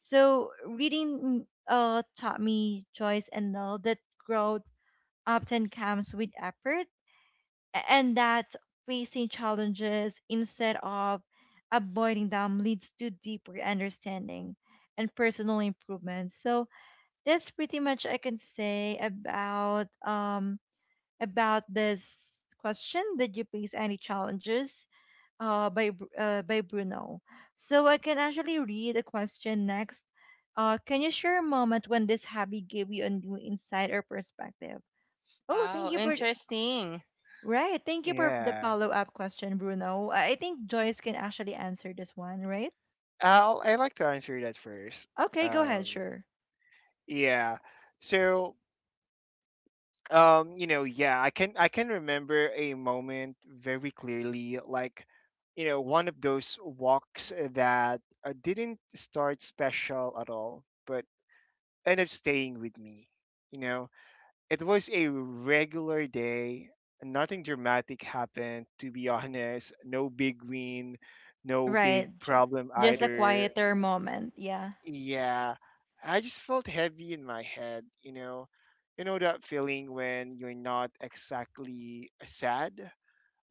A: So reading taught me, Joyce and Nell, that growth often comes with effort, and that facing challenges instead of avoiding them leads to deeper understanding and personal improvement. So that's pretty much I can say about this question. Did you face any challenges, by Bruno. So I can actually read a question next. Can you share a moment when this hobby gave you a new insight or perspective? Oh,
C: Wow,
A: thank you for,
C: interesting.
A: right. Thank you for the
B: Yeah,
A: follow up question, Bruno. I think Joyce can actually answer this one, right?
B: I like to answer that first.
A: Okay, go ahead.
B: Um,
A: Sure.
B: yeah. So, you know, yeah, I can remember a moment very clearly, like, you know, one of those walks that didn't start special at all, but ended up staying with me. You know, it was a regular day. Nothing dramatic happened, to be honest. No big win, no big
A: Right.
B: problem
A: Just a
B: either.
A: quieter moment. Yeah.
B: Yeah, I just felt heavy in my head, you know. You know that feeling when you're not exactly sad,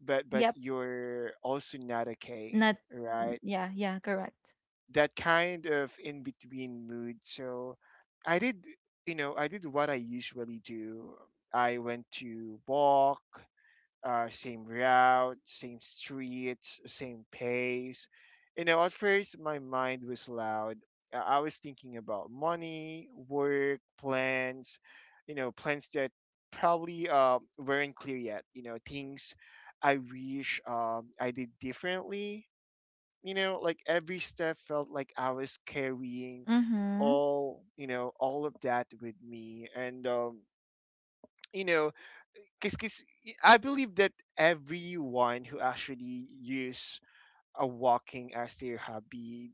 B: but
A: Yep.
B: you're also not okay,
A: Not.
B: right?
A: Yeah. Yeah. Correct.
B: That kind of in-between mood. So I did, you know, I did what I usually do. I went to walk, same route, same streets, same pace. You know, at first my mind was loud. I was thinking about money, work, plans, you know, plans that probably weren't clear yet. You know, things I wish I did differently. You know, like every step felt like I was carrying
A: Mhm.
B: all, you know, all of that with me. And, you know, because I believe that everyone who actually use a walking as their hobby,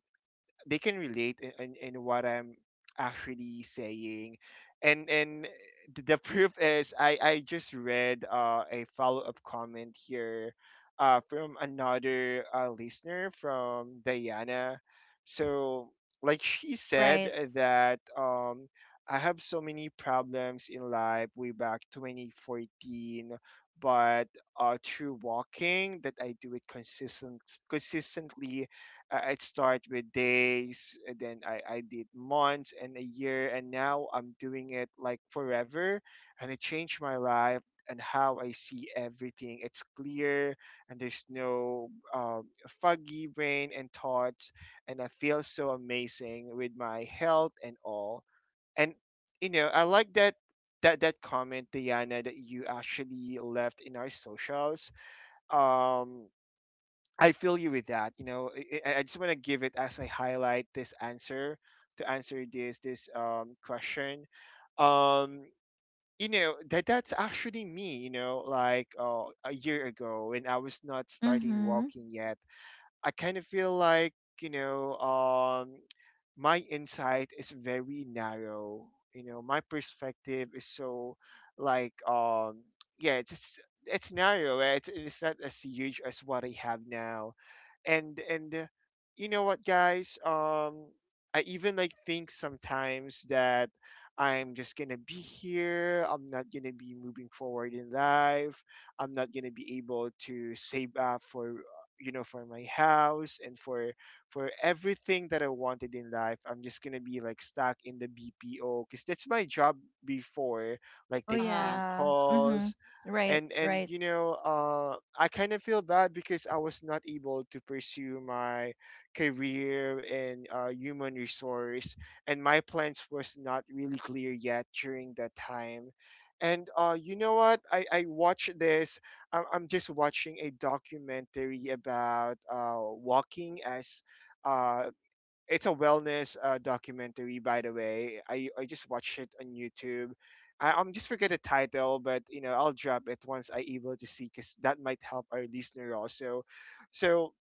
B: they can relate in what I'm actually saying. And the proof is I just read a follow up comment here from another listener from Diana. So, like she said
A: Right.
B: that I have so many problems in life way back 2014, but through walking that I do it consistently. I'd start with days, and then I did months and a year, and now I'm doing it, like, forever. And it changed my life and how I see everything. It's clear, and there's no foggy brain and thoughts. And I feel so amazing with my health and all. And, you know, I like that. That, that comment, Diana, that you actually left in our socials. Um, I feel you with that. You know, I just want to give it as I highlight this answer to answer this question. Um, you know, that that's actually me. You know, like a year ago when I was not starting
A: Mhm.
B: walking yet, I kind of feel like, you know, my insight is very narrow, you know. My perspective is so, like, um, yeah, it's narrow, eh, it's not as huge as what I have now. And you know what, guys, um, I even, like, think sometimes that I'm just gonna be here. I'm not gonna be moving forward in life. I'm not gonna be able to save up for, you know, for my house and for everything that I wanted in life. I'm just gonna be, like, stuck in the BPO because that's my job before, like
A: Oh
C: Uh
B: taking in
C: huh.
A: yeah. Mhm.
B: calls.
A: Right.
B: And
A: Right.
B: you know, I kind of feel bad because I was not able to pursue my career in human resource, and my plans was not really clear yet during that time. And you know what, I watch this, I'm just watching a documentary about walking as, uh, it's a wellness documentary, by the way. I just watched it on YouTube. I'm just forget the title, but you know, I'll drop it once I able to see, because that might help our listener also. So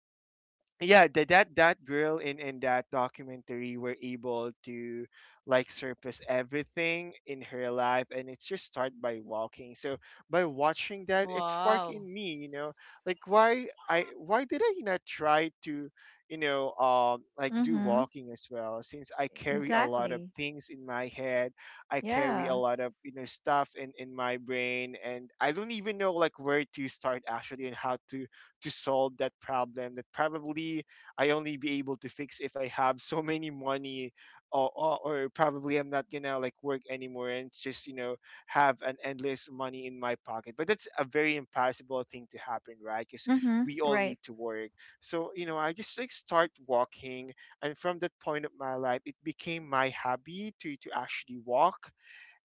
B: yeah, that girl in that documentary were able to, like, surface everything in her life, and it's just start by walking. So by watching that, it sparked
C: Wow.
B: in me, you know, like, why did I not try to, you know, um, like, do
A: Mhm.
B: walking as well, since I carry a lot of
A: Exactly.
B: things in my head. I carry a
A: Yeah.
B: lot of, you know, stuff in my brain, and I don't even know, like, where to start actually, and how to solve that problem, that probably I only be able to fix if I have so many money. Or or probably I'm not gonna, like, work anymore, and just, you know, have an endless money in my pocket. But that's a very impossible thing to happen, right? Because
A: Mhm.
B: we all need
A: Right.
B: to work. So, you know, I just, like, start walking. And from that point of my life, it became my hobby to actually walk.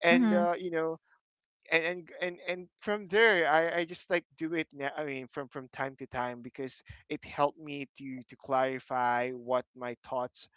B: And
A: Mhm.
B: you know, and from there, I just, like, do it now, I mean, from time to time, because it helped me to clarify what my thoughts,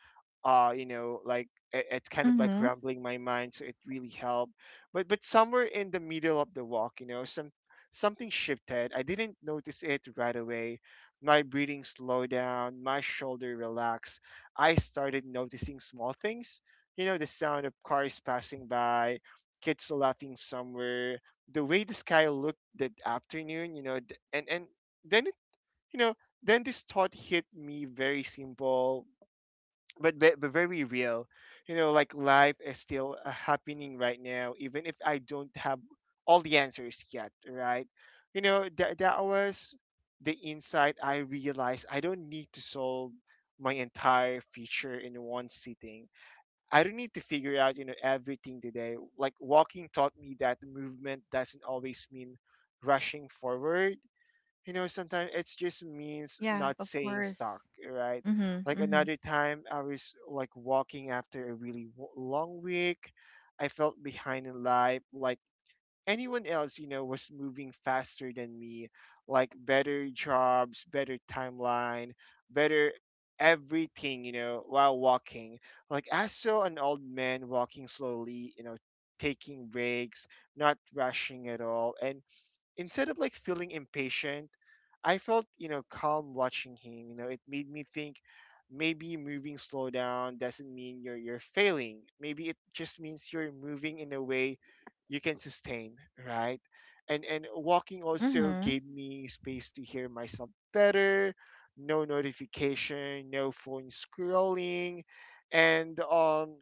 B: you know, like, it, it's kind of, like,
A: Mhm.
B: rambling my mind, so it really helped. But somewhere in the middle of the walk, you know, some, something shifted. I didn't notice it right away. My breathing slowed down, my shoulder relaxed. I started noticing small things, you know: the sound of cars passing by, kids laughing somewhere, the way the sky looked that afternoon, you know. And then it, you know, then this thought hit me. Very simple, but but very real. You know, like, life is still, happening right now, even if I don't have all the answers yet, right? You know, that, that was the insight. I realized I don't need to solve my entire future in one sitting. I don't need to figure out, you know, everything today. Like, walking taught me that movement doesn't always mean rushing forward. You know, sometimes it just means
A: Yeah,
B: not
A: of
B: saying stuck,
A: course.
B: right?
A: Mhm.
B: Like,
A: Mhm.
B: another time, I was, like, walking after a really long week. I felt behind in life, like anyone else, you know, was moving faster than me. Like better jobs, better timeline, better everything, you know. While walking, like, I saw an old man walking slowly, you know, taking breaks, not rushing at all. And instead of, like, feeling impatient, I felt, you know, calm watching him. You know, it made me think: maybe moving slow down doesn't mean you're failing. Maybe it just means you're moving in a way you can sustain, right? And walking also
A: Mhm.
B: gave me space to hear myself better. No notification, no phone scrolling, and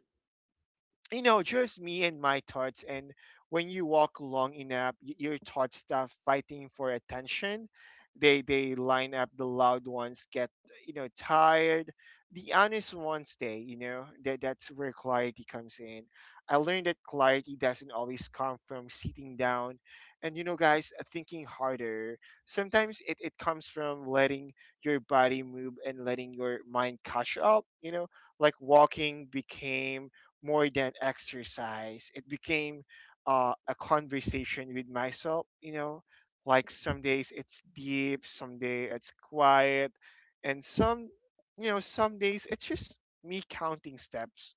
B: you know, just me and my thoughts. And when you walk long enough, your thoughts start fighting for attention. They line up. The loud ones get, you know, tired. The honest ones stay. You know, that that's where clarity comes in. I learned that clarity doesn't always come from sitting down, and, you know, guys, thinking harder. Sometimes it it comes from letting your body move and letting your mind catch up. You know, like, walking became more than exercise. It became, a conversation with myself. You know, like, some days it's deep, some day it's quiet, and some, you know, some days it's just me counting steps,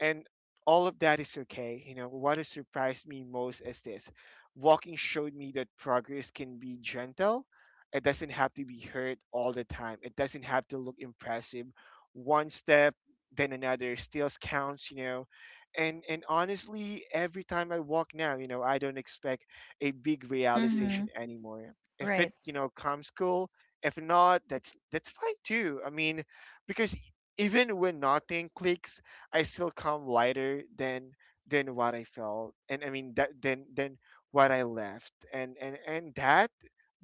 B: and all of that is okay. You know, what has surprised me most is this: walking showed me that progress can be gentle. It doesn't have to be hurt all the time. It doesn't have to look impressive. One step, then another, still counts, you know. And honestly, every time I walk now, you know, I don't expect a big realization
A: Mhm.
B: anymore. If it,
A: Right.
B: you know, comes, cool. If not, that's fine too. I mean, because even when nothing clicks, I still come lighter than what I felt, and I mean that, than what I left. And that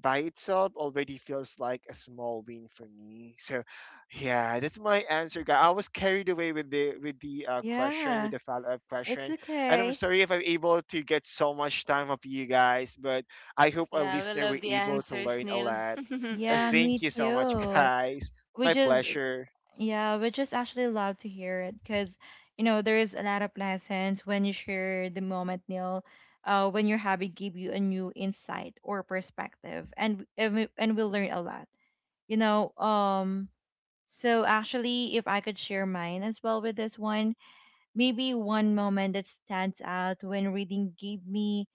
B: by itself already feels like a small win for me. So yeah, that's my answer, guy. I was carried away with the with
A: Yeah,
B: the follow up
A: it's
B: question, and I'm
A: okay.
B: sorry if I'm able to get so much time of you guys, but I hope our
C: Yeah, we
B: listener
C: love
B: were
C: the
B: able to
C: answers,
B: learn a
C: Neil.
B: lot.
A: Yeah,
B: Thank
A: me
B: you so much,
A: too.
B: guys.
A: We
B: My
A: just,
B: pleasure.
A: yeah, we just actually love to hear it because, there is a lot of lessons when you share the moment, Neil, when your hobby give you a new insight or perspective, and we learn a lot. You know, um. So actually, if I could share mine as well with this one, maybe one moment that stands out when reading gave me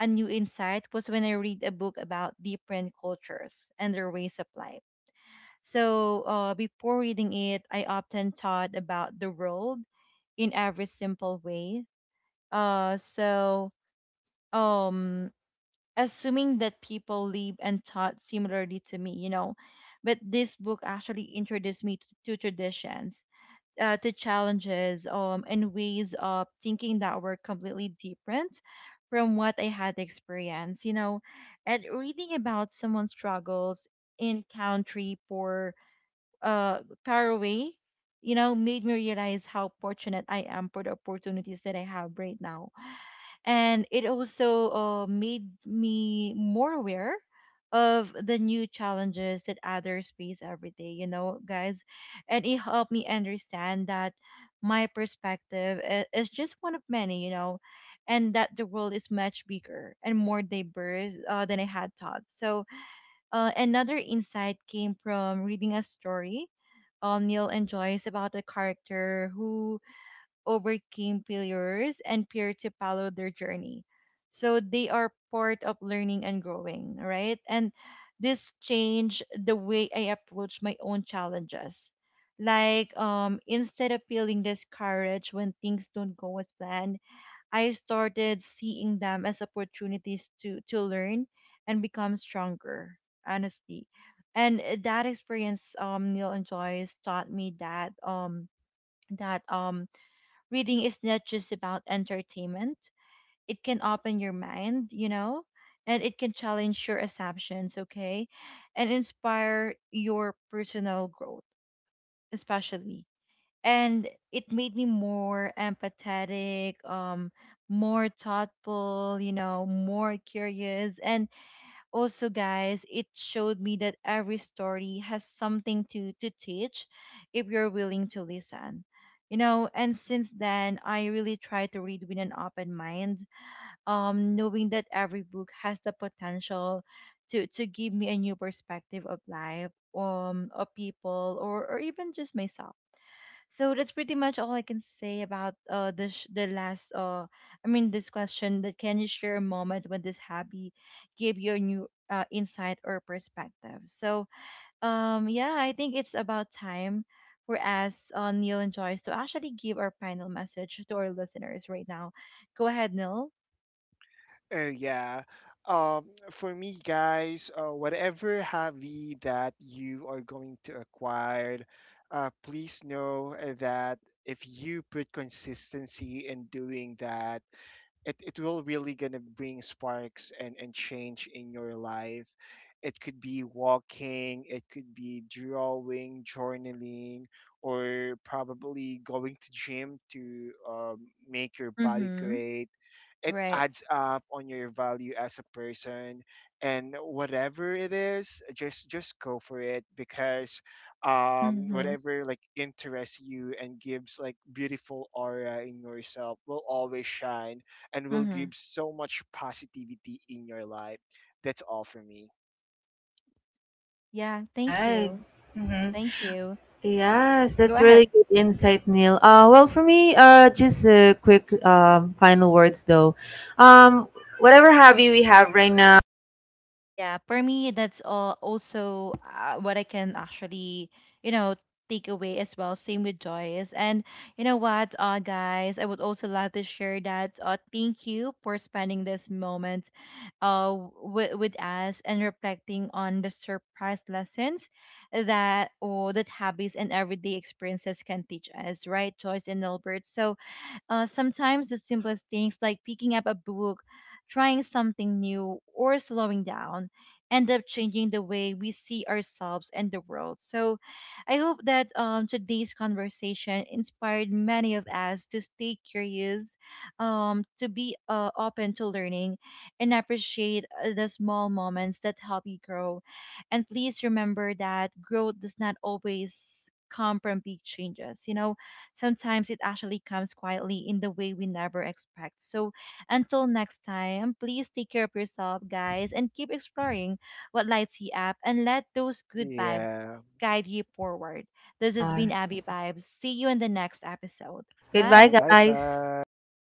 A: a new insight was when I read a book about different cultures and their ways of life. So before reading it, I often thought about the world in every simple way. So um, assuming that people live and thought similarly to me, but this book actually introduced me to traditions, to challenges, and ways of thinking that were completely different from what I had experienced. And reading about someone's struggles in country for, uh, far away, made me realize how fortunate I am for the opportunities that I have right now. And it also made me more aware of the new challenges that others face every day, guys. And it helped me understand that my perspective is just one of many. And that the world is much bigger and more diverse, than I had thought. So another insight came from reading a story, Neil and Joyce, about a character who overcame failures and peer to follow their journey. So they are part of learning and growing, right? And this changed the way I approach my own challenges. Like, instead of feeling discouraged when things don't go as planned, I started seeing them as opportunities to learn and become stronger, honestly. And that experience, Neil and Joyce, taught me that reading is not just about entertainment. It can open your mind, and it can challenge your assumptions, okay, and inspire your personal growth, especially. And it made me more empathetic, more thoughtful, more curious, and also, guys, it showed me that every story has something to teach if you're willing to listen. And since then I really try to read with an open mind, knowing that every book has the potential to give me a new perspective of life, of people, or even just myself. So that's pretty much all I can say about the the last, I mean, this question: that can you share a moment when this hobby gave you a new insight or perspective. So yeah, I think it's about time for us, Neil and Joyce, to actually give our final message to our listeners right now. Go ahead, Neil.
B: Oh yeah. For me, guys, whatever hobby that you are going to acquire, please know that if you put consistency in doing that, it will really gonna bring sparks and change in your life. It could be walking, it could be drawing, journaling, or probably going to gym to, make your body
A: Mhm.
B: great. It
A: Right.
B: adds up on your value as a person, and whatever it is, just go for it, because
A: Mhm.
B: whatever, like, interests you and gives, like, beautiful aura in yourself will always shine and will give
A: Mhm.
B: so much positivity in your life. That's all for me.
A: Yeah, thank
C: Right.
A: you.
C: Mm-hmm.
A: Thank you.
C: Yes,
A: Go
C: that's really
A: ahead.
C: good insight, Neil. Well, for me, just a quick, final words though. Um, whatever hobby we have right now.
A: Yeah, for me, that's all also, what I can actually, you know, take away as well. Same with Joyce. And you know what, guys, I would also love to share that. Thank you for spending this moment, uh, with us and reflecting on the surprise lessons that habits and everyday experiences can teach us, right, Joyce and Albert? So, sometimes the simplest things like picking up a book, trying something new, or slowing down end up changing the way we see ourselves and the world. So I hope that today's conversation inspired many of us to stay curious, to be open to learning, and appreciate the small moments that help you grow. And please remember that growth does not always come from big changes. Sometimes it actually comes quietly in the way we never expect. So until next time, please take care of yourself, guys, and keep exploring what lights you up, and let those good vibes
B: Yeah.
A: guide you forward. This has
C: Uh,
A: been Abby Vibes. See you in the next episode.
C: goodbye,
A: Bye.
B: Bye
C: guys.
B: bye.